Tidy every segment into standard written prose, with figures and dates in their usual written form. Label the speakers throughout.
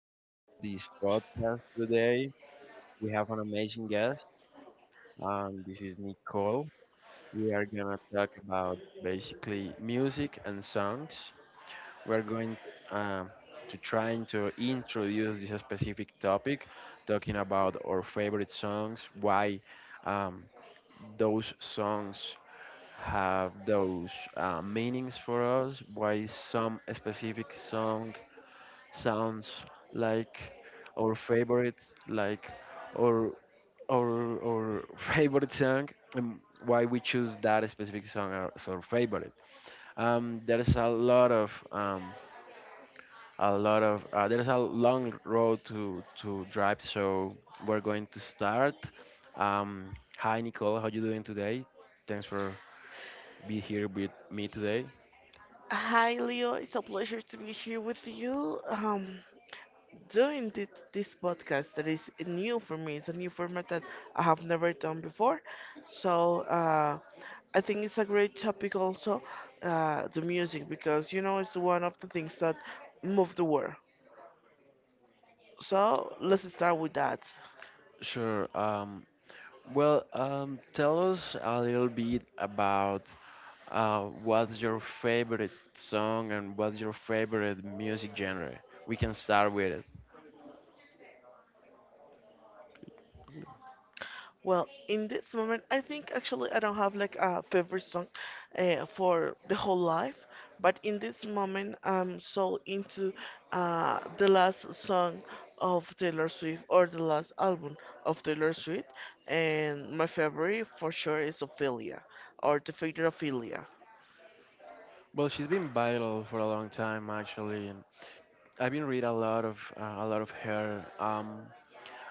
Speaker 1: for listening to this podcast today. We have an amazing guest. This is Nicole. We are gonna talk about basically music and songs. We're going uh, to trying to introduce this specific topic, talking about our favorite songs, why um, those songs have those meanings for us, why some specific song sounds like our favorite, like our our favorite song, and why we choose that specific song as our favorite. There's a lot of there's a long road to drive, so we're going to start. Hi Nicole, how you doing today? Thanks for be here with me today.
Speaker 2: Hi, Leo. It's a pleasure to be here with you. Doing thi- this podcast that is new for me. It's a new format that I have never done before. So I think it's a great topic also, the music, because you know it's one of the things that move the world. So let's start with that.
Speaker 1: Sure. Well, tell us a little bit about what's your favorite song and what's your favorite music genre. We can start with it.
Speaker 2: Well, in this moment, I think actually I don't have like a favorite song for the whole life, but in this moment, I'm so into the last song of Taylor Swift or the last album of Taylor Swift, and my favorite for sure is Ophelia or The Fate of Ophelia.
Speaker 1: Well, she's been viral for a long time actually, and I've been read a lot of her.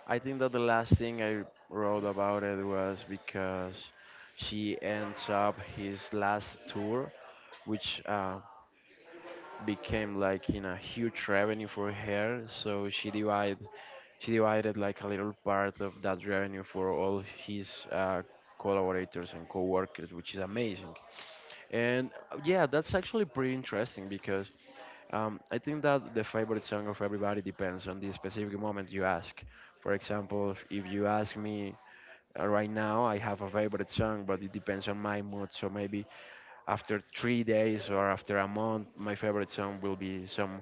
Speaker 1: I think that the last thing I wrote about it was because she ends up his last tour, which became like in a huge revenue for her, so she divided like a little part of that revenue for all his collaborators and co-workers, which is amazing. And yeah, that's actually pretty interesting because I think that the favorite song of everybody depends on the specific moment you ask. For example, if you ask me, right now I have a favorite song, but it depends on my mood, so maybe after 3 days or after a month, my favorite song will be some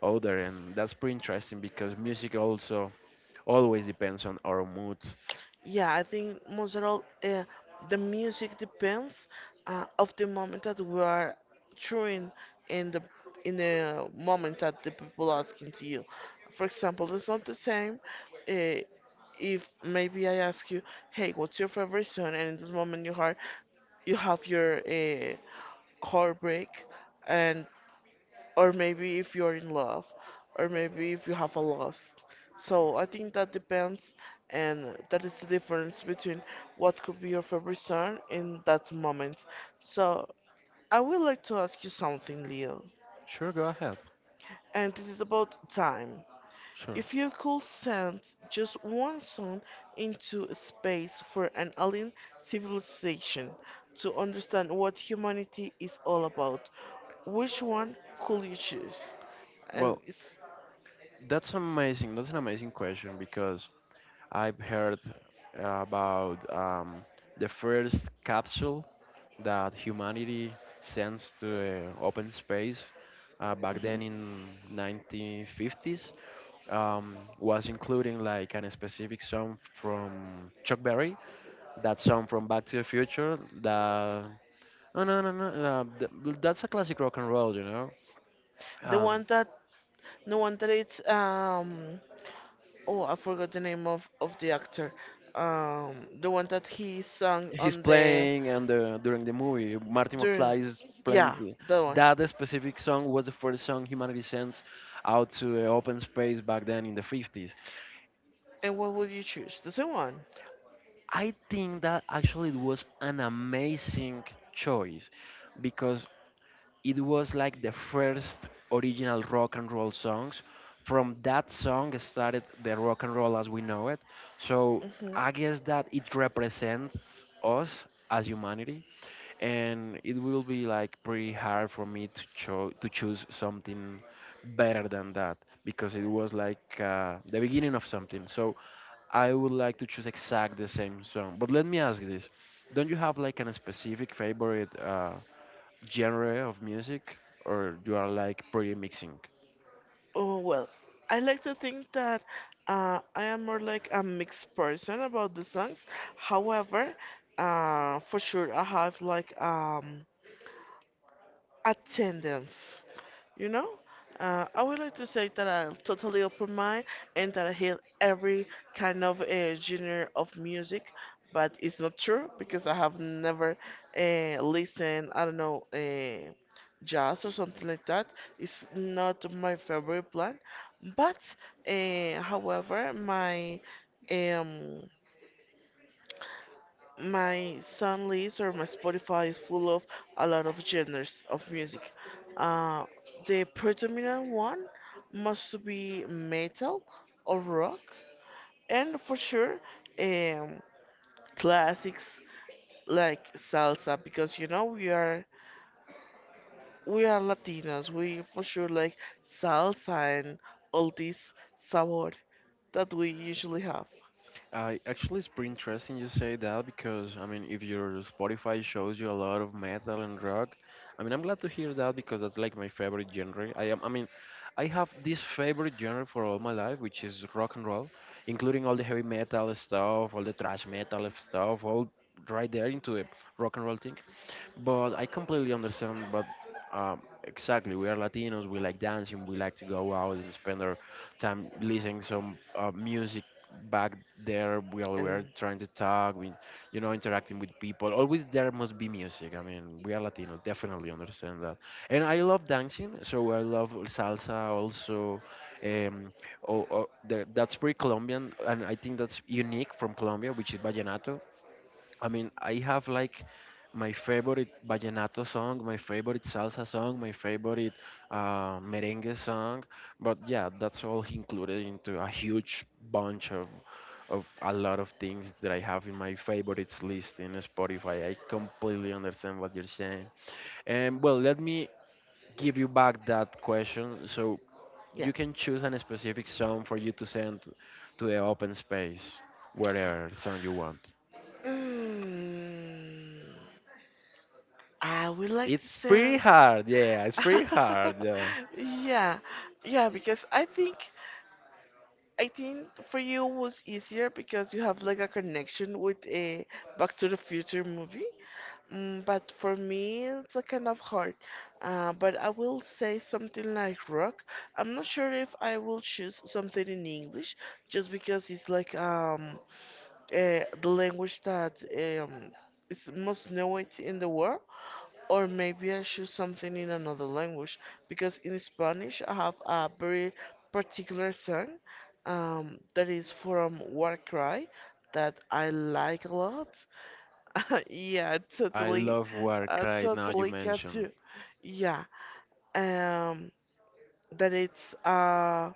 Speaker 1: other, and that's pretty interesting because music also always depends on our mood.
Speaker 2: Yeah, I think most of all, the music depends of the moment that we are touring in the in the moment that the people asking to you. For example, it's not the same uh, if maybe I ask you, "Hey, what's your favorite song?" and in this moment you have your heartbreak, and or maybe if you're in love, or maybe if you have a loss. So I think that depends, and that is the difference between what could be your favorite song in that moment. So I would like to ask you something, Leo,
Speaker 1: Sure, go ahead.
Speaker 2: and this is about time.
Speaker 1: Sure.
Speaker 2: If you could send just one song into space for an alien civilization to understand what humanity is all about, which one could you choose? And
Speaker 1: Well,
Speaker 2: it's
Speaker 1: that's amazing. That's an amazing question because I've heard about the first capsule that humanity sends to open space back then in 1950s, was including like an specific song from Chuck Berry, that song from Back to the Future. That no no no no, that's a classic rock and roll, you know.
Speaker 2: The
Speaker 1: Um,
Speaker 2: one that the one that it's um oh, I forgot the name of the actor. The one that he sung
Speaker 1: he's
Speaker 2: on the
Speaker 1: playing and the during the movie, Marty
Speaker 2: during,
Speaker 1: McFly is playing
Speaker 2: yeah,
Speaker 1: the,
Speaker 2: that one.
Speaker 1: That specific song was the first song humanity sent out to the open space back then in the 50s.
Speaker 2: And what would you choose? The same one.
Speaker 1: I think that actually it was an amazing choice because it was like the first original rock and roll songs. From that song started the rock and roll as we know it. So
Speaker 2: hmm
Speaker 1: I guess that it represents us as humanity, and it will be like pretty hard for me to choose something better than that because it was like the beginning of something. So I would like to choose exact the same song. But let me ask this: Don't you have like a specific favorite? Genre of music, or you are like pretty mixing?
Speaker 2: Oh, well, I like to think that I am more like a mixed person about the songs. However, for sure, I have like attendance. You know, I would like to say that I'm totally open mind and that I hear every kind of genre of music, but it's not true because I have never listened. I don't know. Jazz or something like that. It's not my favorite plan, but however my um my sound list or my Spotify is full of a lot of genres of music. Uh, the predominant one must be metal or rock, and for sure, um, classics like salsa because you know we are Latinos. We for sure like salsa and all this sabor that we usually have.
Speaker 1: I actually it's pretty interesting you say that because I mean if your Spotify shows you a lot of metal and rock, I mean I'm glad to hear that because that's like my favorite genre. I mean I have this favorite genre for all my life, which is rock and roll, including all the heavy metal stuff, all the thrash metal stuff, all right there into the rock and roll thing. But I completely understand. But exactly, we are Latinos. We like dancing. We like to go out and spend our time listening some music back there while we are
Speaker 2: And
Speaker 1: trying to talk. We, interacting with people. Always there must be music. I mean, we are Latinos. Definitely understand that. And I love dancing. So I love salsa also. Um, that's pretty Colombian, and I think that's unique from Colombia, which is vallenato. I mean, I have like my favorite vallenato song, my favorite salsa song, my favorite merengue song, but yeah, that's all included into a huge bunch of a lot of things that I have in my favorites list in Spotify. I completely understand what you're saying. And well, let me give you back that question so
Speaker 2: yeah.
Speaker 1: you can choose an specific song for you to send to the open space, wherever song you want.
Speaker 2: Mm, I would like to
Speaker 1: It's pretty
Speaker 2: send.
Speaker 1: hard, yeah. It's pretty hard, yeah.
Speaker 2: yeah, yeah, because I think for you was easier because you have like a connection with a Back to the Future movie. Mm, but for me, it's a kind of hard. But I will say something like rock. I'm not sure if I will choose something in English, just because it's like the language that is most known in the world. Or maybe I choose something in another language because in Spanish I have a very particular song that is from Warcry that I like a lot. Yeah,
Speaker 1: I
Speaker 2: totally,
Speaker 1: love Warcry now you
Speaker 2: totally got
Speaker 1: mention.
Speaker 2: you. Yeah, um, that it's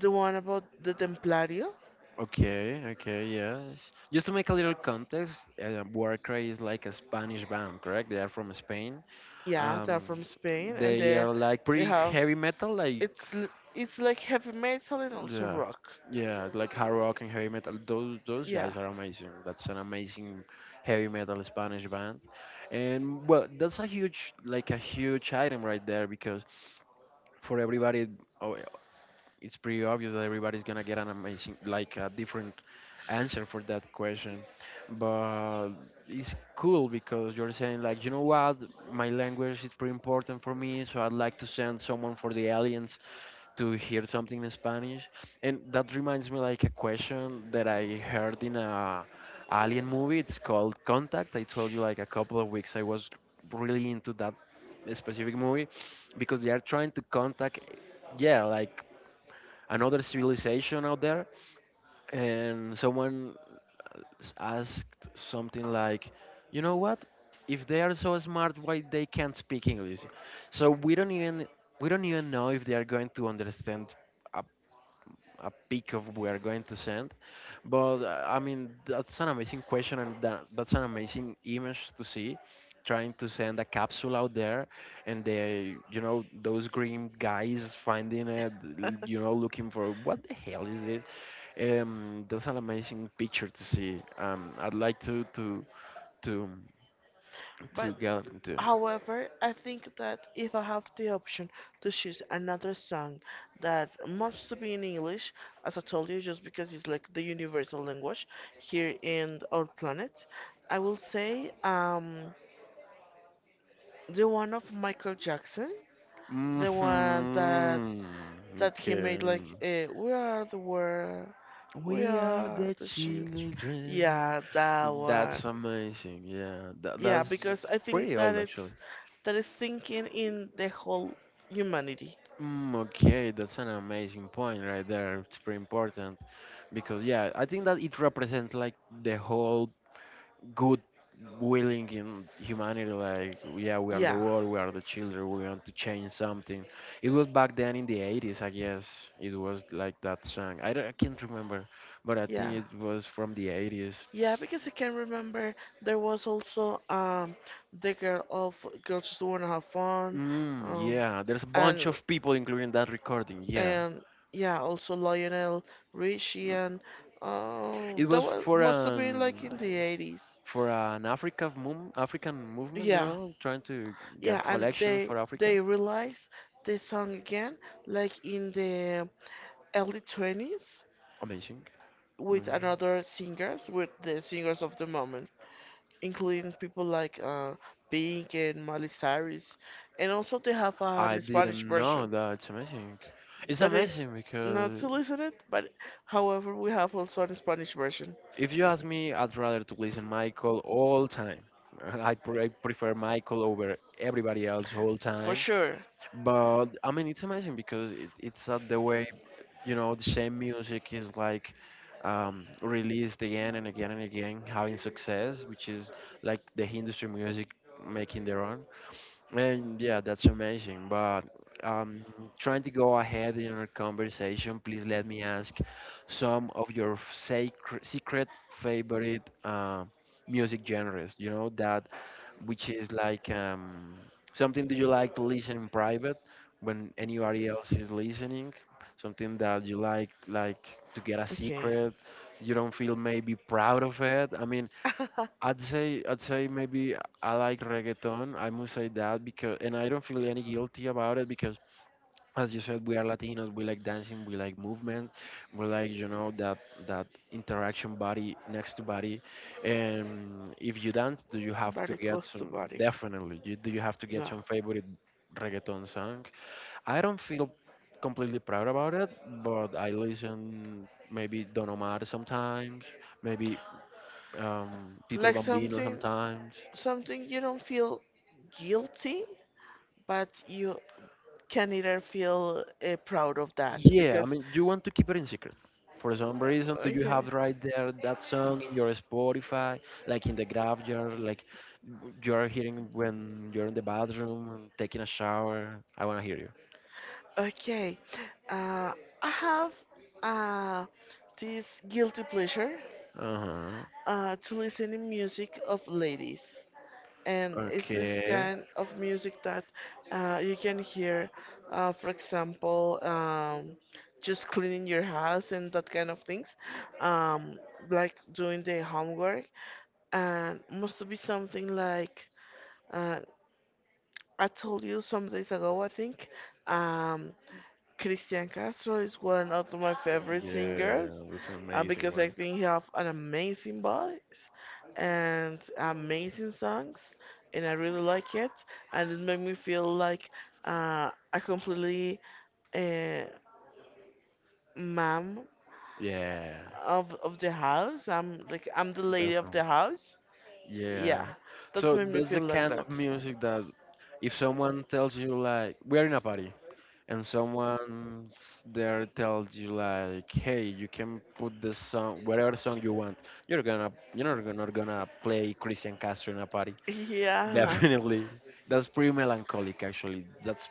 Speaker 2: the one about the Templario.
Speaker 1: Okay, okay, yes. Just to make a little context, Warcry is like a Spanish band, correct? They are from Spain.
Speaker 2: Yeah, they're
Speaker 1: Um,
Speaker 2: from Spain and
Speaker 1: they
Speaker 2: they
Speaker 1: are like
Speaker 2: they
Speaker 1: pretty
Speaker 2: have
Speaker 1: heavy metal, like
Speaker 2: it's l- it's like heavy metal and also
Speaker 1: yeah,
Speaker 2: rock.
Speaker 1: yeah, like hard rock and heavy metal. Those
Speaker 2: Yeah.
Speaker 1: guys are amazing. That's an amazing heavy metal Spanish band, and well, that's a huge, like a huge item right there because for everybody. Oh, yeah, it's pretty obvious that everybody's gonna get an amazing, like a different answer for that question, but it's cool because you're saying like, you know what, my language is pretty important for me, so I'd like to send someone for the aliens to hear something in Spanish. And that reminds me like a question that I heard in a alien movie. It's called Contact. I told you like a couple of weeks I was really into that specific movie because they are trying to contact, yeah, like another civilization out there, and someone asked something like, "You know what? If they are so smart, why they can't speak English?" So we don't even know if they are going to understand uh, a peak of we are going to send. But I mean, that's an amazing question, and that's an amazing image to see. Trying to send a capsule out there, and they, those green guys finding it, looking for what the hell is this? That's an amazing picture to see. I'd like to to
Speaker 2: But,
Speaker 1: get into.
Speaker 2: however, I think that if I have the option to choose another song that must to be in English, as I told you, just because it's like the universal language here in our planet, I will say the one of Michael Jackson, the one that
Speaker 1: Mm-hmm.
Speaker 2: that he made
Speaker 1: Okay.
Speaker 2: like we are the world, we
Speaker 1: We are
Speaker 2: are
Speaker 1: the
Speaker 2: the children,
Speaker 1: children.
Speaker 2: yeah, that one.
Speaker 1: That's amazing. Yeah,
Speaker 2: Yeah,
Speaker 1: that's
Speaker 2: because I
Speaker 1: pretty
Speaker 2: think that
Speaker 1: old actually.
Speaker 2: it's that is thinking in the whole humanity.
Speaker 1: Mm, okay, that's an amazing point right there. It's pretty important because yeah, I think that it represents like the whole good willing in humanity. Like yeah, we are the
Speaker 2: Yeah
Speaker 1: world, we are the children, we want to change something. It was back then in the 80s, I guess. It was like that song. I can't remember, but I think
Speaker 2: Yeah.
Speaker 1: it was from the 80s.
Speaker 2: Yeah, because I can remember there was also the girl of girls just wanna have fun,
Speaker 1: Mm,
Speaker 2: um,
Speaker 1: yeah, there's a bunch
Speaker 2: and
Speaker 1: of people including that recording. Yeah,
Speaker 2: and yeah, also Lionel Richie, and
Speaker 1: it
Speaker 2: that
Speaker 1: was
Speaker 2: was
Speaker 1: for
Speaker 2: must have been
Speaker 1: an
Speaker 2: like in the 80s.
Speaker 1: African movement, you
Speaker 2: Yeah,
Speaker 1: know, trying to get
Speaker 2: yeah, and
Speaker 1: collections for Africa.
Speaker 2: they realized they song again like in the early 20s
Speaker 1: Amazing. Mm.
Speaker 2: with another singers, with the singers of the moment, including people like Pink and Miley Cyrus, and also they have
Speaker 1: I
Speaker 2: an Spanish
Speaker 1: didn't know
Speaker 2: version
Speaker 1: that. It's amazing. It's
Speaker 2: that is
Speaker 1: amazing
Speaker 2: not
Speaker 1: because
Speaker 2: solicited, but however we have also an Spanish version
Speaker 1: if you ask me, I'd rather to listen Michael all time. I prefer Michael over everybody else all
Speaker 2: for
Speaker 1: time.
Speaker 2: sure.
Speaker 1: But I mean, it's amazing because it's the way you know the same music is like released again and again and again, having success, which is like the industry music making their own. And yeah, that's amazing. But um, trying to go ahead in our conversation, please let me ask some of your f- sacr secret favorite music genres, that which is like something that you like to listen in private when anybody else is listening, something that you like to get a
Speaker 2: Okay.
Speaker 1: secret, you don't feel maybe proud of it. I mean, I'd say maybe I like reggaeton. I must say that because and I don't feel any guilty about it because as you said, we are Latinos, we like dancing, we like movement, we like, that that interaction body next to body. And if you dance, do you have to
Speaker 2: Very
Speaker 1: get
Speaker 2: close to
Speaker 1: some?
Speaker 2: body.
Speaker 1: Definitely do you have to get
Speaker 2: Yeah,
Speaker 1: some favorite reggaeton song? I don't feel completely proud about it, but I listen maybe Don Omar sometimes, maybe Tito el
Speaker 2: like
Speaker 1: Bambino
Speaker 2: something,
Speaker 1: sometimes.
Speaker 2: something you don't feel guilty, but you can either feel proud of that
Speaker 1: Yeah, I
Speaker 2: because
Speaker 1: mean, you want to keep it in secret. For some reason,
Speaker 2: uh,
Speaker 1: do you
Speaker 2: okay
Speaker 1: have right there that song in your Spotify, like in the graph? Graveyard, like you are hearing when you're in the bathroom and taking a shower? I want to hear you.
Speaker 2: okay, uh, I have uh, this guilty pleasure
Speaker 1: Uh huh.
Speaker 2: to listen to music of ladies, and it's this
Speaker 1: Okay.
Speaker 2: kind of music that you can hear for example, just cleaning your house and that kind of things, um, like doing the homework, and must be something like uh, I told you some days ago, I think. Um, Christian Castro is one of my favorite
Speaker 1: Yeah,
Speaker 2: singers
Speaker 1: that's an amazing
Speaker 2: because I
Speaker 1: one.
Speaker 2: think he have an amazing voice and amazing songs, and I really like it. And it made me feel like a completely uh, mom
Speaker 1: Yeah,
Speaker 2: of the house. I'm the lady of
Speaker 1: definitely.
Speaker 2: the house.
Speaker 1: Yeah.
Speaker 2: Yeah, that
Speaker 1: So
Speaker 2: made me
Speaker 1: that's the
Speaker 2: feel like
Speaker 1: kind of
Speaker 2: that.
Speaker 1: music that if someone tells you like we are in a party and someone there tells you like, hey, you can put the song, whatever song you want, you're not gonna play Christian Castro in a party.
Speaker 2: Yeah.
Speaker 1: Definitely, that's pretty melancholic actually. That's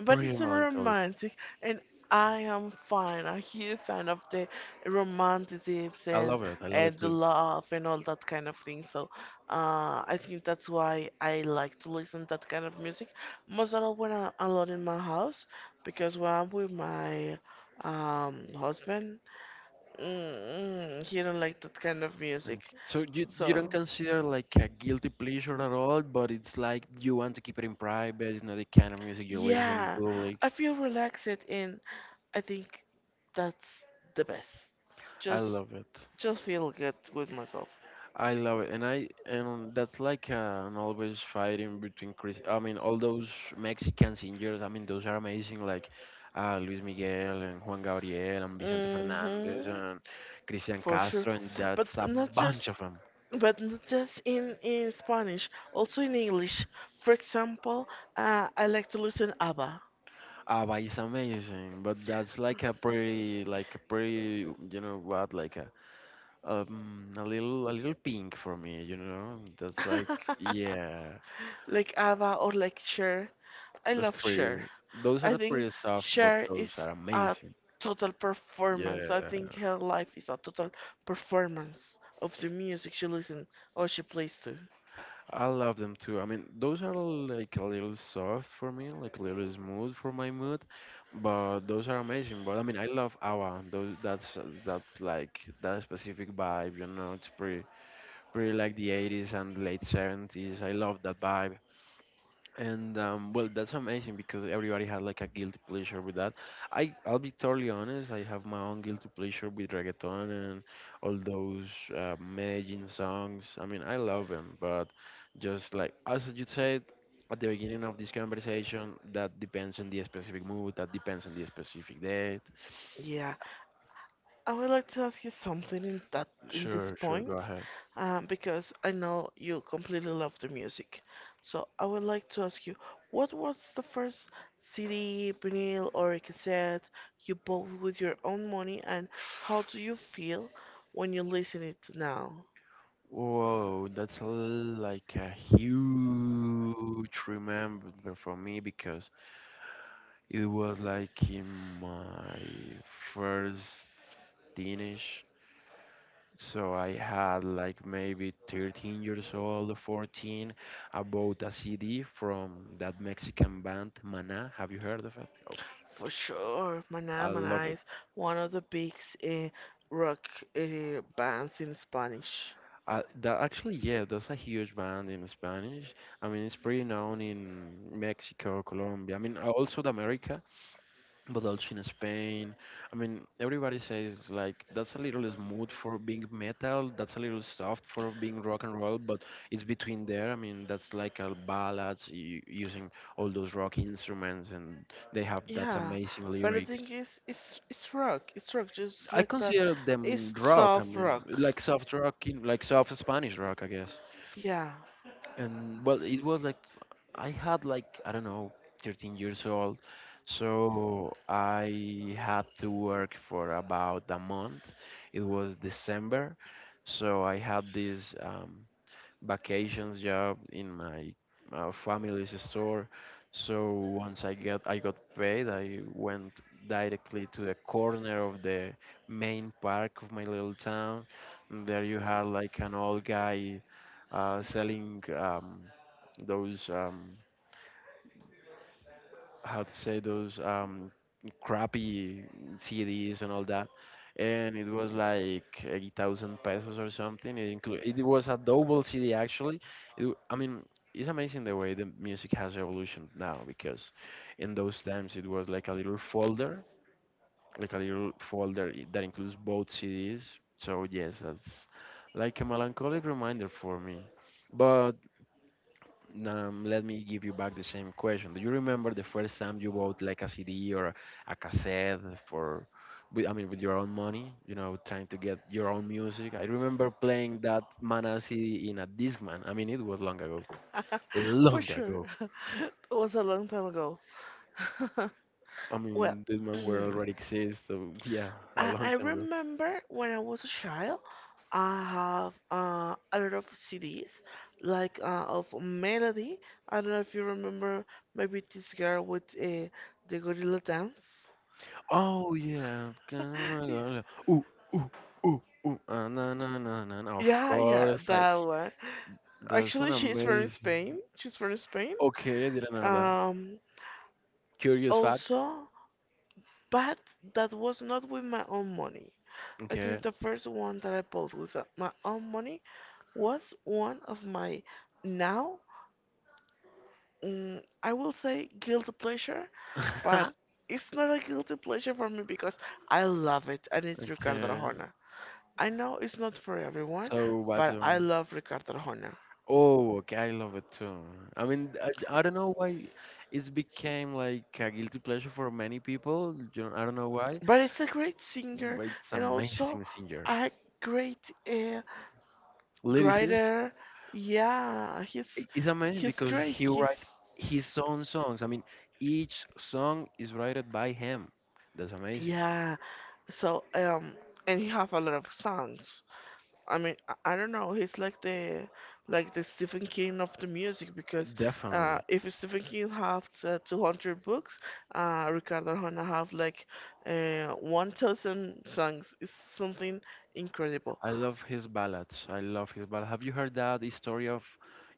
Speaker 2: But it's
Speaker 1: pretty
Speaker 2: so
Speaker 1: melancholic.
Speaker 2: romantic, and I am fine. A huge fan of the romanticisms
Speaker 1: I love it. I love it
Speaker 2: and the
Speaker 1: too.
Speaker 2: love and all that kind of thing. So I think that's why I like to listen that kind of music. Most of all when I'm alone in my house, because when I'm with my husband, he don't like that kind of music.
Speaker 1: Okay. So you don't
Speaker 2: So.
Speaker 1: consider like a guilty pleasure at all, but it's like you want to keep it in private, it's not the kind of music you listen in
Speaker 2: Yeah,
Speaker 1: public.
Speaker 2: I feel relaxed and I think that's the best.
Speaker 1: I
Speaker 2: Just
Speaker 1: love it.
Speaker 2: just feel good with myself.
Speaker 1: I love it, and that's like an always fighting between Chris. I mean, all those Mexican singers. I mean, those are amazing. Like Luis Miguel and Juan Gabriel and Vicente Fernandez
Speaker 2: Mhm.
Speaker 1: and Cristian
Speaker 2: For sure.
Speaker 1: Castro, and that's
Speaker 2: But
Speaker 1: a
Speaker 2: not
Speaker 1: bunch
Speaker 2: just
Speaker 1: of them.
Speaker 2: but not just in Spanish, also in English. For example, I like to listen ABBA.
Speaker 1: Abba is amazing, but that's like a pretty, like a a little pink for me. You know, that's like yeah,
Speaker 2: Like ABBA or like Cher. I
Speaker 1: that's
Speaker 2: love
Speaker 1: pretty.
Speaker 2: Cher.
Speaker 1: Those
Speaker 2: I
Speaker 1: are
Speaker 2: think
Speaker 1: pretty soft, but
Speaker 2: Cher
Speaker 1: those
Speaker 2: is
Speaker 1: are
Speaker 2: a
Speaker 1: amazing.
Speaker 2: total performance. I
Speaker 1: Yeah,
Speaker 2: think her life is a total performance of the music she listens or she plays to.
Speaker 1: I love them too. I mean, those are like a little soft for me, like a little smooth for my mood, but those are amazing. But I mean, I love ABBA. Those that's like that specific vibe, you know. It's pretty like the 80s and late 70s. I love that vibe. And well, that's amazing because everybody has like a guilty pleasure with that. I'll be totally honest. I have my own guilty pleasure with reggaeton and all those Medellin songs. I mean, I love them, but just like as you said at the beginning of this conversation, that depends on the specific mood. That depends on the specific date.
Speaker 2: Yeah, I would like to ask you something in that, in this
Speaker 1: Sure, sure. Go
Speaker 2: point,
Speaker 1: ahead.
Speaker 2: because I know you completely love the music. So I would like to ask you, what was the first CD, vinyl, or cassette you bought with your own money, and how do you feel when you listen it now?
Speaker 1: Whoa, that's a, like a huge remember for me because it was like in my first teenage. So I had like maybe 13 years old, 14. I bought a CD from that Mexican band, Maná. Have you heard of it? Of
Speaker 2: For
Speaker 1: course.
Speaker 2: sure,
Speaker 1: I love
Speaker 2: Manamana
Speaker 1: it.
Speaker 2: is one of the big eh, rock bands in Spanish.
Speaker 1: That actually, yeah, that's a huge band in Spanish. I mean, it's pretty known in Mexico, Colombia. I mean, also the America, but also in Spain. I mean, everybody says like that's a little smooth for being metal, that's a little soft for being rock and roll, but it's between there. I mean, that's like a ballads using all those rock instruments, and they have that's
Speaker 2: Yeah,
Speaker 1: amazing
Speaker 2: but the
Speaker 1: lyrics.
Speaker 2: thing is, it's rock. It's rock, just
Speaker 1: I
Speaker 2: like that.
Speaker 1: consider them
Speaker 2: It's
Speaker 1: rock. I
Speaker 2: soft
Speaker 1: mean,
Speaker 2: rock.
Speaker 1: like soft rock, in, like soft Spanish rock, I guess.
Speaker 2: Yeah.
Speaker 1: And well, it was like I had like I don't know 13 years old, so I had to work for about a month. It was December, so I had this vacations job in my family's store. So once I got paid, I went directly to the corner of the main park of my little town. And there you had like an old guy selling those. How to say those crappy CDs and all that, and it was like 8,000 pesos or something. It was a double CD actually. I mean, it's amazing the way the music has evolution now because in those times it was like a little folder, that includes both CDs. So yes, that's like a melancholic reminder for me, but. Let me give you back the same question. Do you remember the first time you bought like a CD or a cassette for, with, I mean, with your own money? You know, trying to get your own music. I remember playing that Mana CD in a Discman. I mean, it was long ago,
Speaker 2: For
Speaker 1: long
Speaker 2: sure.
Speaker 1: ago.
Speaker 2: It was a long time ago.
Speaker 1: I
Speaker 2: Well,
Speaker 1: mean, Discman were already exist, so yeah, a long
Speaker 2: I
Speaker 1: time ago.
Speaker 2: remember when I was a child, I have a lot of CDs, like of Melody. I don't know if you remember, maybe this girl with the gorilla dance.
Speaker 1: Oh yeah,
Speaker 2: Yeah,
Speaker 1: ooh ooh ooh ooh, ah, na na na na, na. Of
Speaker 2: yeah, yeah,
Speaker 1: course, I.
Speaker 2: that one.
Speaker 1: That's an
Speaker 2: Actually,
Speaker 1: amazing.
Speaker 2: She's from Spain.
Speaker 1: Okay, I didn't know that.
Speaker 2: Um,
Speaker 1: Curious fact.
Speaker 2: also, but that was not with my own money. I
Speaker 1: Okay.
Speaker 2: think the first one that I bought with my own money was one of my now, I will say guilty pleasure, but it's not a guilty pleasure for me because I love it and it's Ricardo
Speaker 1: Okay.
Speaker 2: Arjona. I know it's not for everyone,
Speaker 1: So what's
Speaker 2: but
Speaker 1: the
Speaker 2: I
Speaker 1: one?
Speaker 2: love Ricardo Arjona.
Speaker 1: Oh, okay, I love it too. I mean, I don't know why it's became like a guilty pleasure for many people. You know, I don't know why,
Speaker 2: But it's a great singer
Speaker 1: but it's
Speaker 2: and also
Speaker 1: amazing singer.
Speaker 2: a great uh,
Speaker 1: Lyricist
Speaker 2: writer. Yeah,
Speaker 1: is amazing
Speaker 2: he's
Speaker 1: because
Speaker 2: great.
Speaker 1: he write
Speaker 2: He's
Speaker 1: his own songs. I mean, each song is written by him. That's amazing.
Speaker 2: yeah. So and he have a lot of songs. I mean, I don't know. He's like the Stephen King of the music because
Speaker 1: Definitely.
Speaker 2: if Stephen King have 200 books, Ricardo Arjona have like 1,000 songs. It's something incredible.
Speaker 1: I love his ballads. I love his ballad. Have you heard that story of,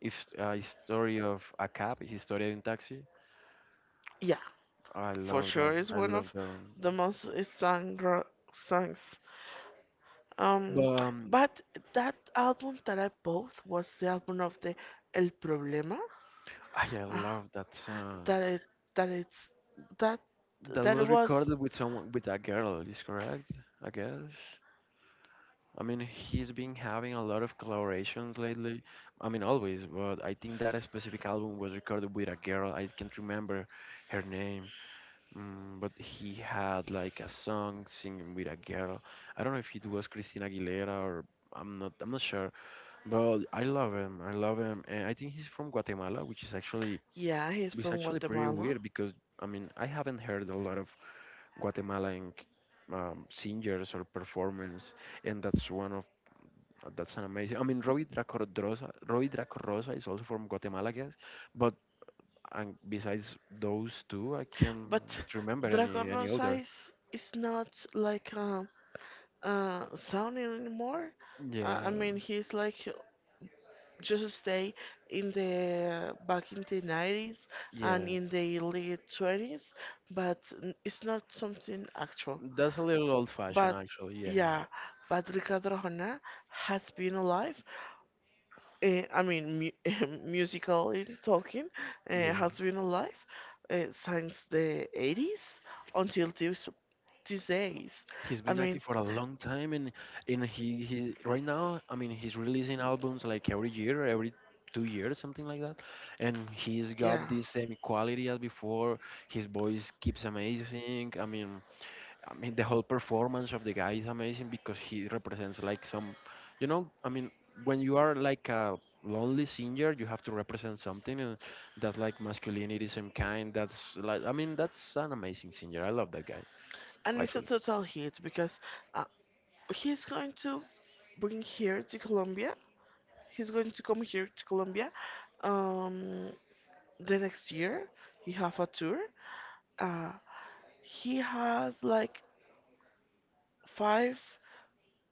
Speaker 1: if story of a cab, historia de un taxi?
Speaker 2: Yeah,
Speaker 1: I
Speaker 2: for
Speaker 1: love
Speaker 2: sure,
Speaker 1: that.
Speaker 2: it's
Speaker 1: I
Speaker 2: one
Speaker 1: love
Speaker 2: of
Speaker 1: that one.
Speaker 2: the most songs.
Speaker 1: But
Speaker 2: Um, but that album that I bought was the album of the El Problema.
Speaker 1: I
Speaker 2: Ah,
Speaker 1: love that song.
Speaker 2: that it that it's that
Speaker 1: That
Speaker 2: that it
Speaker 1: was
Speaker 2: was
Speaker 1: recorded with someone, with a girl. Is correct? I guess. I mean, he's been having a lot of collaborations lately. I mean, always, but I think that specific album was recorded with a girl. I can't remember her name. Mm, but he had like a song singing with a girl. I don't know if it was Christina Aguilera or I'm not sure. But I love him. I love him. And I think he's from Guatemala,
Speaker 2: yeah, he's
Speaker 1: which is
Speaker 2: from
Speaker 1: actually pretty
Speaker 2: Guatemala.
Speaker 1: weird because I mean I haven't heard a lot of Guatemalan singers or performers, and that's one of that's an amazing. I mean Roy Draco Rosa, Roy Draco Rosa is also from Guatemala, I guess. But and besides those two, I can't
Speaker 2: But
Speaker 1: remember
Speaker 2: Draco
Speaker 1: any
Speaker 2: Rosa
Speaker 1: other.
Speaker 2: is not like sounding anymore. I
Speaker 1: Yeah,
Speaker 2: mean he's like just stay in the back in the 90s and
Speaker 1: yeah.
Speaker 2: in the early 20s, but it's not something actual,
Speaker 1: That's a little old fashioned
Speaker 2: but
Speaker 1: actually.
Speaker 2: yeah,
Speaker 1: Yeah.
Speaker 2: but Ricardo Arjona has been alive. I mean, mu musically talking,
Speaker 1: Yeah.
Speaker 2: has been alive since the 80s until this, these days.
Speaker 1: He's
Speaker 2: I
Speaker 1: been
Speaker 2: mean,
Speaker 1: active for a long time and he right now, I mean, he's releasing albums like every year, every 2 years, something like that. And he's got
Speaker 2: yeah.
Speaker 1: the same quality as before. His voice keeps amazing. I mean, the whole performance of the guy is amazing because he represents like some, you know, I mean, when you are like a lonely singer, you have to represent something, and that's like masculinity, some kind. That's like, I mean, that's an amazing singer. I love that guy,
Speaker 2: And it's a
Speaker 1: actually.
Speaker 2: total hit because uh, he's going to bring here to Colombia. He's going to come here to Colombia um, the next year. He have a tour. Uh, he has like five.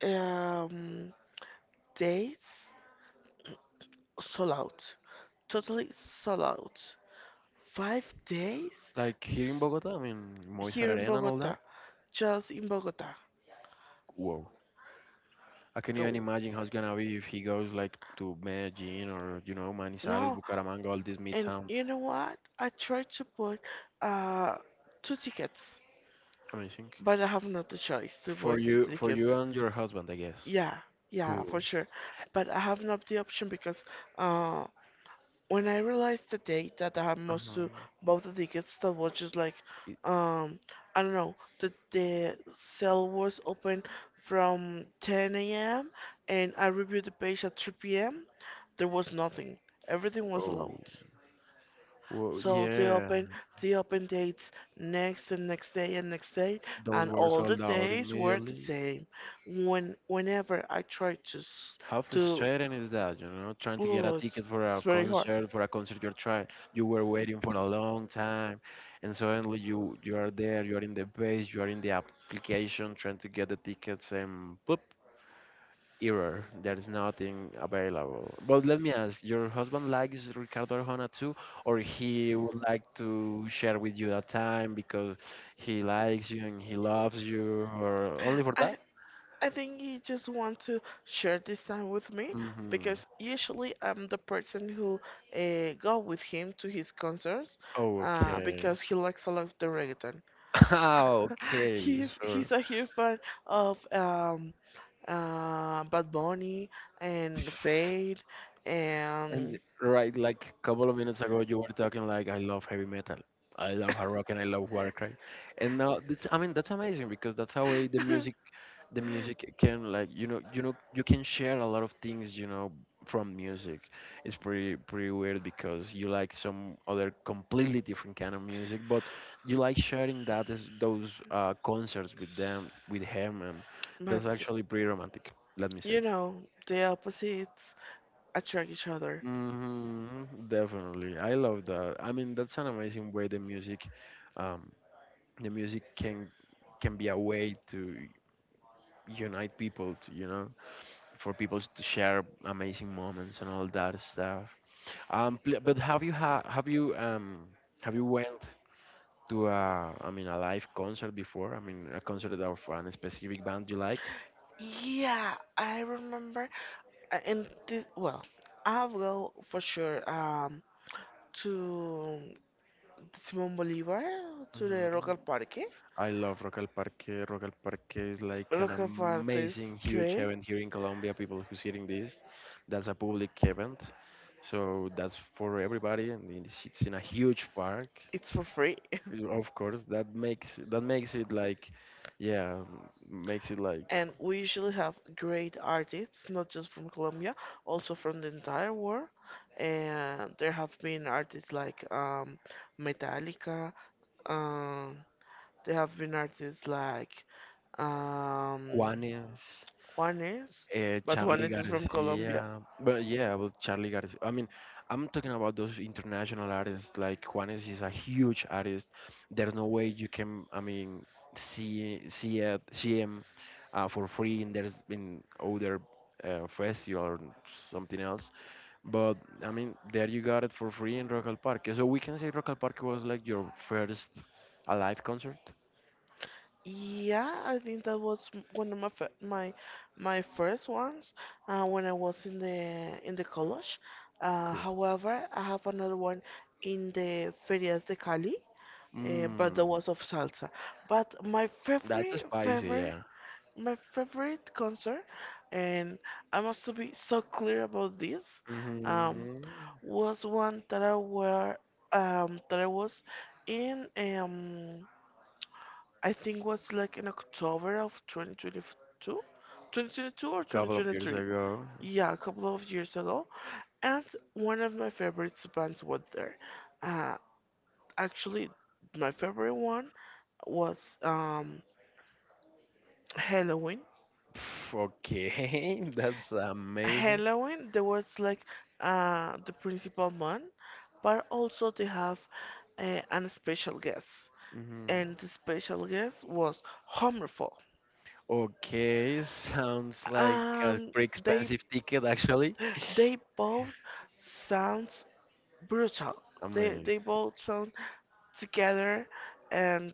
Speaker 2: Um, days sold out. Totally sold out. Five days.
Speaker 1: Like here in
Speaker 2: S-
Speaker 1: Bogota, I mean, Moisés
Speaker 2: Here in
Speaker 1: Arena and all that.
Speaker 2: Bogota. Just in Bogota.
Speaker 1: Whoa. I can
Speaker 2: Oh,
Speaker 1: even imagine how it's gonna be if he goes like to Medellin or you know Manizales,
Speaker 2: no,
Speaker 1: Bucaramanga, all these mid
Speaker 2: and
Speaker 1: towns.
Speaker 2: you know what? I tried to buy uh two tickets,
Speaker 1: Amazing
Speaker 2: but I have not the choice to buy two
Speaker 1: for you
Speaker 2: tickets.
Speaker 1: and your husband, I guess.
Speaker 2: Yeah, yeah,
Speaker 1: Cool.
Speaker 2: for sure. But I have not the option because uh when I realized the date that I had
Speaker 1: Uh-huh.
Speaker 2: most to both the tickets that was just like um I don't know, the sale was open from 10 a.m. and I reviewed the page at 3 p.m. There was nothing. Everything was
Speaker 1: Oh,
Speaker 2: loud.
Speaker 1: well,
Speaker 2: So
Speaker 1: yeah,
Speaker 2: they open dates next and next day and next day,
Speaker 1: those
Speaker 2: and
Speaker 1: were
Speaker 2: all the
Speaker 1: sold out
Speaker 2: days were the
Speaker 1: immediately.
Speaker 2: same. Whenever I tried to
Speaker 1: How
Speaker 2: to
Speaker 1: frustrating is that, you know, trying to get a
Speaker 2: oh,
Speaker 1: ticket
Speaker 2: it's very hard.
Speaker 1: for a concert you're trying, you were waiting for a long time, and suddenly you are there, you are in the base, you are in the application trying to get the tickets, and boop, error. There's nothing available. But let me ask, your husband likes Ricardo Arjona too, or he would like to share with you that time because he likes you and he loves you, or only for that?
Speaker 2: I I think he just want to share this time with me
Speaker 1: Mm-hmm.
Speaker 2: because usually I'm the person who go with him to his concerts
Speaker 1: Oh, okay.
Speaker 2: because he likes a lot of the reggaeton.
Speaker 1: Ah, okay,
Speaker 2: he's
Speaker 1: sure.
Speaker 2: he's a huge fan of Bad Bunny and Fade
Speaker 1: And
Speaker 2: and
Speaker 1: right, like a couple of minutes ago, you were talking like, I love heavy metal. I love hard rock and I love Warcry. And now, that's, I mean, that's amazing because that's how way the music can like you know you can share a lot of things you know from music. It's pretty weird because you like some other completely different kind of music but you like sharing that is those concerts with them with him, and that's
Speaker 2: but
Speaker 1: actually pretty romantic, let me say.
Speaker 2: you know, the opposites attract each other.
Speaker 1: Hmm, definitely I love that. I mean that's an amazing way um the music can be a way to unite people to you know for people to share amazing moments and all that stuff. But have you have you have you went to a I mean a live concert before? I mean a concert of a specific band you liked?
Speaker 2: Yeah, I remember. And this, well, I'll go for sure to Simon Bolivar, to the local
Speaker 1: Mhm.
Speaker 2: parque.
Speaker 1: I love Rock al Parque. Rock al Parque is like an
Speaker 2: Local park is
Speaker 1: amazing, huge
Speaker 2: great.
Speaker 1: event here in Colombia. People who's hearing this, that's a public event, so that's for everybody, and it's in a huge park.
Speaker 2: It's for free.
Speaker 1: Of course, that makes it like, yeah, makes it like
Speaker 2: And we usually have great artists, not just from Colombia, also from the entire world. And there have been artists like Metallica. Um, there have been artists like um,
Speaker 1: Juanes,
Speaker 2: Juanes. But
Speaker 1: Charlie
Speaker 2: Juanes is from Colombia.
Speaker 1: Garcia. But yeah, well, Charlie Garcia. I mean, I'm talking about those international artists. Like Juanes is a huge artist. There's no way you can, I mean, see him for free. And there's been other festival or something else. But I mean, there you got it for free in Rock al Parque. So we can say Rock al Parque was like your first alive concert.
Speaker 2: Yeah, I think that was m- one of my fir- my first ones when I was in the college.
Speaker 1: Cool.
Speaker 2: However, I have another one in the Ferias de Cali, but that
Speaker 1: Mm,
Speaker 2: was of salsa. But my
Speaker 1: that's
Speaker 2: favorite
Speaker 1: spicy,
Speaker 2: favorite
Speaker 1: yeah.
Speaker 2: my favorite concert, and I must to be so clear about this, um,
Speaker 1: Hmm.
Speaker 2: was one that I were that I was in. I think was like in October of 2022
Speaker 1: A
Speaker 2: or
Speaker 1: couple of years
Speaker 2: 2023.
Speaker 1: ago.
Speaker 2: Yeah, a couple of years ago. And one of my favorite bands was there. Uh, Actually, my favorite one was Halloween.
Speaker 1: Pff, okay, that's amazing.
Speaker 2: Halloween, there was like the principal man, but also they have an special guest.
Speaker 1: Hmm.
Speaker 2: And the special guest was Hammerfall.
Speaker 1: Okay, sounds like a
Speaker 2: Um,
Speaker 1: pretty
Speaker 2: they
Speaker 1: expensive ticket, actually.
Speaker 2: they both sounds brutal. They
Speaker 1: Amazing.
Speaker 2: they both sound together, and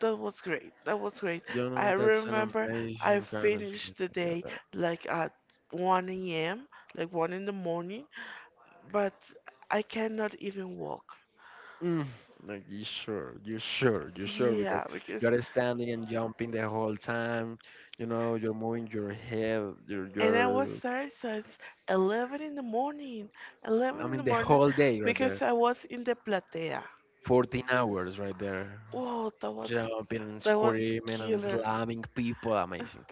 Speaker 2: that was great. That was great.
Speaker 1: You
Speaker 2: I
Speaker 1: know, that's an
Speaker 2: remember I
Speaker 1: amazing fantasy.
Speaker 2: finished the day like at 1 a.m., like 1 in the morning, but I cannot even walk.
Speaker 1: Mm, like, you sure, you sure, you sure, because
Speaker 2: Yeah, because
Speaker 1: you're standing and jumping the whole time. You know, you're moving your head. You're,
Speaker 2: and I
Speaker 1: you're.
Speaker 2: was there since 11 in the morning.
Speaker 1: I
Speaker 2: 11 in the
Speaker 1: mean, the
Speaker 2: morning
Speaker 1: whole day right there,
Speaker 2: because I was in the platea.
Speaker 1: 14 hours right there,
Speaker 2: Oh,
Speaker 1: jumping and
Speaker 2: that was
Speaker 1: screaming and
Speaker 2: killer.
Speaker 1: slamming people. Amazing.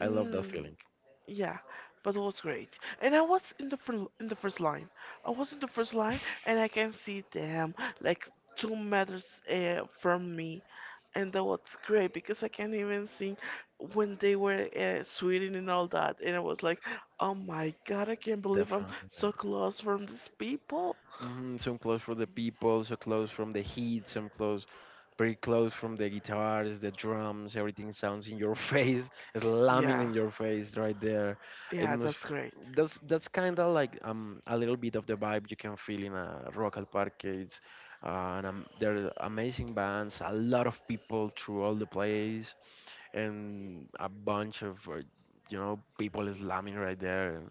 Speaker 1: I love that
Speaker 2: Mm.
Speaker 1: feeling.
Speaker 2: Yeah, but it was great. And I was in the first line. I was in the first line, and I can see them like 2 meters from me, and that was great because I can't even see when they were sweating and all that. And I was like, oh my god, I can't believe I'm so
Speaker 1: Definitely.
Speaker 2: close from these people.
Speaker 1: Mm-hmm, some clothes for the people, so clothes from the heat, some clothes pretty close from the guitars, the drums, everything sounds in your face, slamming
Speaker 2: Yeah,
Speaker 1: in your face right there. It
Speaker 2: yeah,
Speaker 1: must
Speaker 2: that's great.
Speaker 1: that's kind of like a little bit of the vibe you can feel in a rock al parque. It's and there are amazing bands, a lot of people through all the place, and a bunch of you know people slamming right there.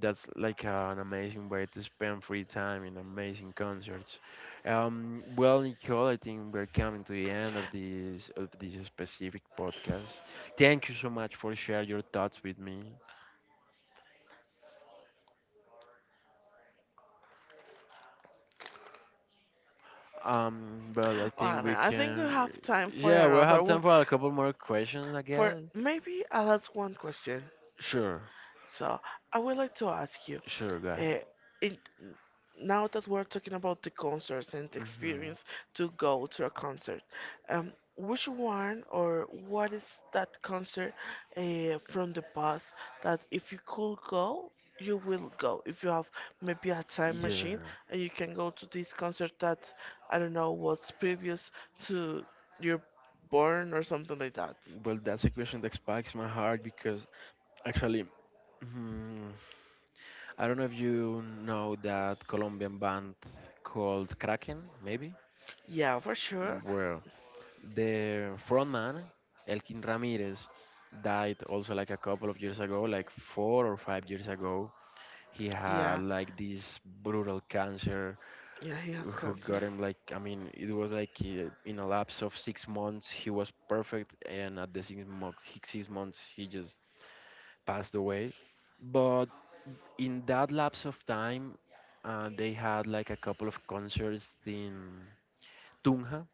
Speaker 1: That's like an amazing way to spend free time in amazing concerts. Well, Nicole, I think we're coming to the end of this specific podcast. Thank you so much for sharing your thoughts with me. But I think
Speaker 2: Well, I think we have time for
Speaker 1: yeah, we'll
Speaker 2: another
Speaker 1: have
Speaker 2: one.
Speaker 1: time for a couple more questions, I
Speaker 2: For
Speaker 1: guess.
Speaker 2: maybe I'll ask one question.
Speaker 1: Sure,
Speaker 2: So I would like to ask you,
Speaker 1: sure, go ahead.
Speaker 2: uh, in, now that we're talking about the concerts and the
Speaker 1: Hmm
Speaker 2: experience to go to a concert, which one or what is that concert from the past that if you could go, you will go? If you have maybe a time
Speaker 1: Yeah.
Speaker 2: machine and you can go to this concert that, I don't know, was previous to your born or something like that.
Speaker 1: Well, that's a question that spikes my heart because actually, mhm, I don't know if you know that Colombian band called Kraken, maybe.
Speaker 2: Yeah, for sure.
Speaker 1: Well, the frontman, Elkin Ramirez, died also like a couple of years ago, like 4 or 5 years ago. He had
Speaker 2: Yeah.
Speaker 1: like this brutal cancer
Speaker 2: Yeah, he has
Speaker 1: who
Speaker 2: cancer.
Speaker 1: got him I mean, it was like in a lapse of 6 months, he was perfect, and at the 6 months, he just passed away. But in that lapse of time, they had like a couple of concerts in Tunja,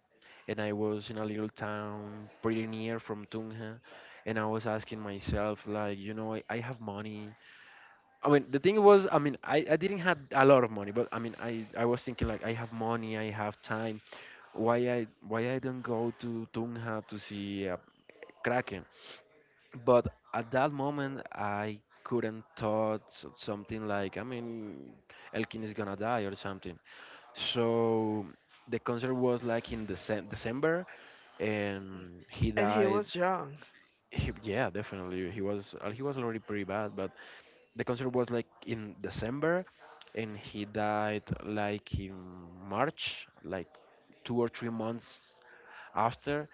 Speaker 1: and I was in a little town pretty near from Tunja, and I was asking myself, I have money. I mean, the thing was, I mean, I didn't have a lot of money, but I mean, I was thinking like, I have money, I have time. Why I don't go to Tunja to see a Kraken? But at that moment I couldn't thought something like, I mean, Elkin is gonna die or something. So the concert was like in December and he
Speaker 2: And he
Speaker 1: died.
Speaker 2: was young.
Speaker 1: He, yeah, definitely he was already pretty bad, but the concert was like in December and he died like in March, like 2 or 3 months after.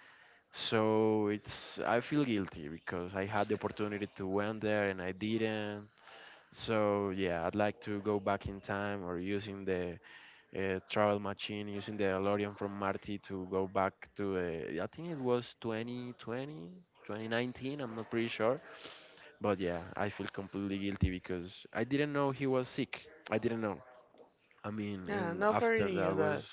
Speaker 1: So it's, I feel guilty because I had the opportunity to went there and I didn't. So yeah, I'd like to go back in time or using the travel machine, using the DeLorean from Marty to go back to I think it was 2020, 2019. I'm not pretty sure, but yeah, I feel completely guilty because I didn't know he was sick. I didn't know. I mean,
Speaker 2: Yeah,
Speaker 1: and
Speaker 2: nobody
Speaker 1: after
Speaker 2: knew
Speaker 1: that was.
Speaker 2: that.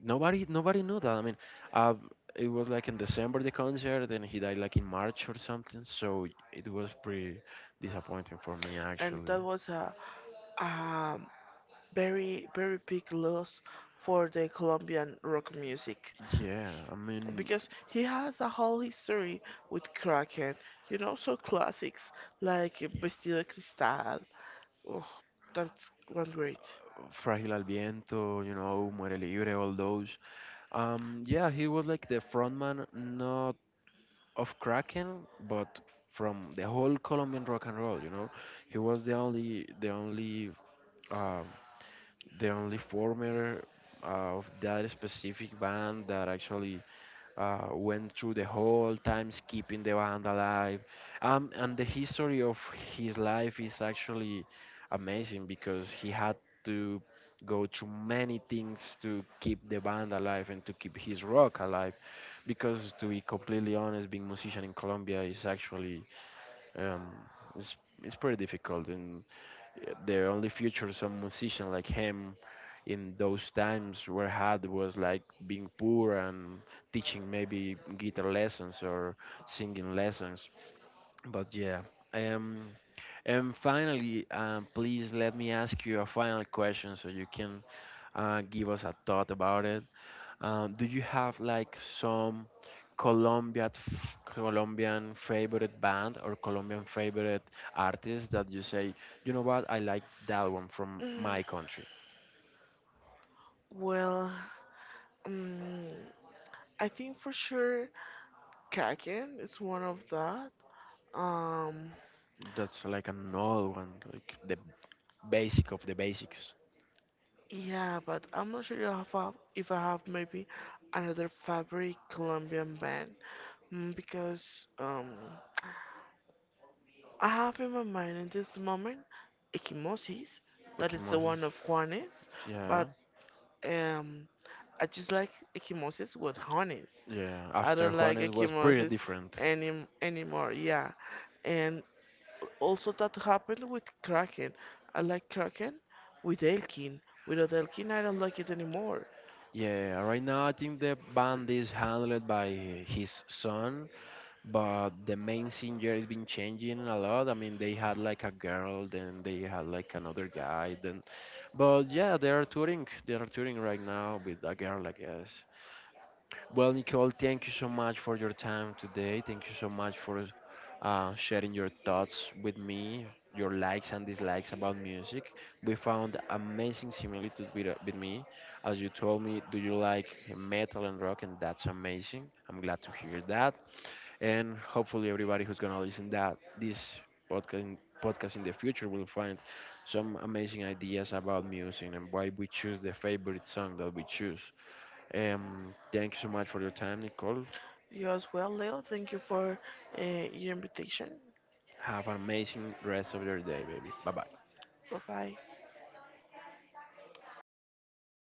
Speaker 1: Nobody, nobody knew that. I mean, uh, it was like in December the concert, and he died like in March or something. So it was pretty disappointing for me
Speaker 2: And
Speaker 1: actually.
Speaker 2: that was a um, very, very big loss for the Colombian rock music.
Speaker 1: Yeah, I mean,
Speaker 2: Because he has a whole history with Kraken. You know, so classics like Vestido de Cristal. Oh, that's one great.
Speaker 1: Frágil al Viento, you know, Muere Libre, all those. Yeah, he was like the frontman, not of Kraken, but from the whole Colombian rock and roll. You know, he was uh, the only former of that specific band that actually went through the whole times keeping the band alive. And the history of his life is actually amazing because he had to go through many things to keep the band alive and to keep his rock alive. Because to be completely honest, being musician in Colombia is actually um, it's, it's pretty difficult. And yeah, the only future some musician like him in those times were had was like being poor and teaching maybe guitar lessons or singing lessons. But yeah. Um, and finally, um, please let me ask you a final question so you can give us a thought about it. Do you have like some Colombian favorite band or Colombian favorite artist that you say, you know what, I like that one from my
Speaker 2: Mm,
Speaker 1: country?
Speaker 2: Well, Mm, I think for sure Kraken is one of that. Um,
Speaker 1: That's like an old one, like the basic of the basics.
Speaker 2: yeah, but I'm not sure if I have maybe another favorite Colombian band mm, because I have in my mind in this moment Equimosis, that
Speaker 1: Ricky
Speaker 2: is the
Speaker 1: Moses.
Speaker 2: one of Juanes,
Speaker 1: Yeah,
Speaker 2: but um, I just like Equimosis with Juanes.
Speaker 1: yeah.
Speaker 2: I
Speaker 1: After
Speaker 2: don't like
Speaker 1: Juanes was pretty
Speaker 2: Equimosis
Speaker 1: different.
Speaker 2: any anymore. Yeah, and also that happened with Kraken. I like Kraken with Elkin. Without Elkin, I don't like it anymore.
Speaker 1: Yeah, right now I think the band is handled by his son, but the main singer has been changing a lot. I mean, they had like a girl, then they had like another guy, then. But yeah, they are touring. They are touring right now with a girl, I guess. Well, Nicole, thank you so much for your time today. Thank you so much for sharing your thoughts with me, your likes and dislikes about music. We found amazing similitudes with me. As you told me, do you like metal and rock? And that's amazing. I'm glad to hear that, and hopefully everybody who's gonna listen that this podcast in the future will find some amazing ideas about music and why we choose the favorite song that we choose. Thank you so much for your time, Nicole.
Speaker 2: You as well, Leo. Thank you for your invitation.
Speaker 1: Have an amazing rest of your day, baby. Bye bye.
Speaker 2: Bye bye.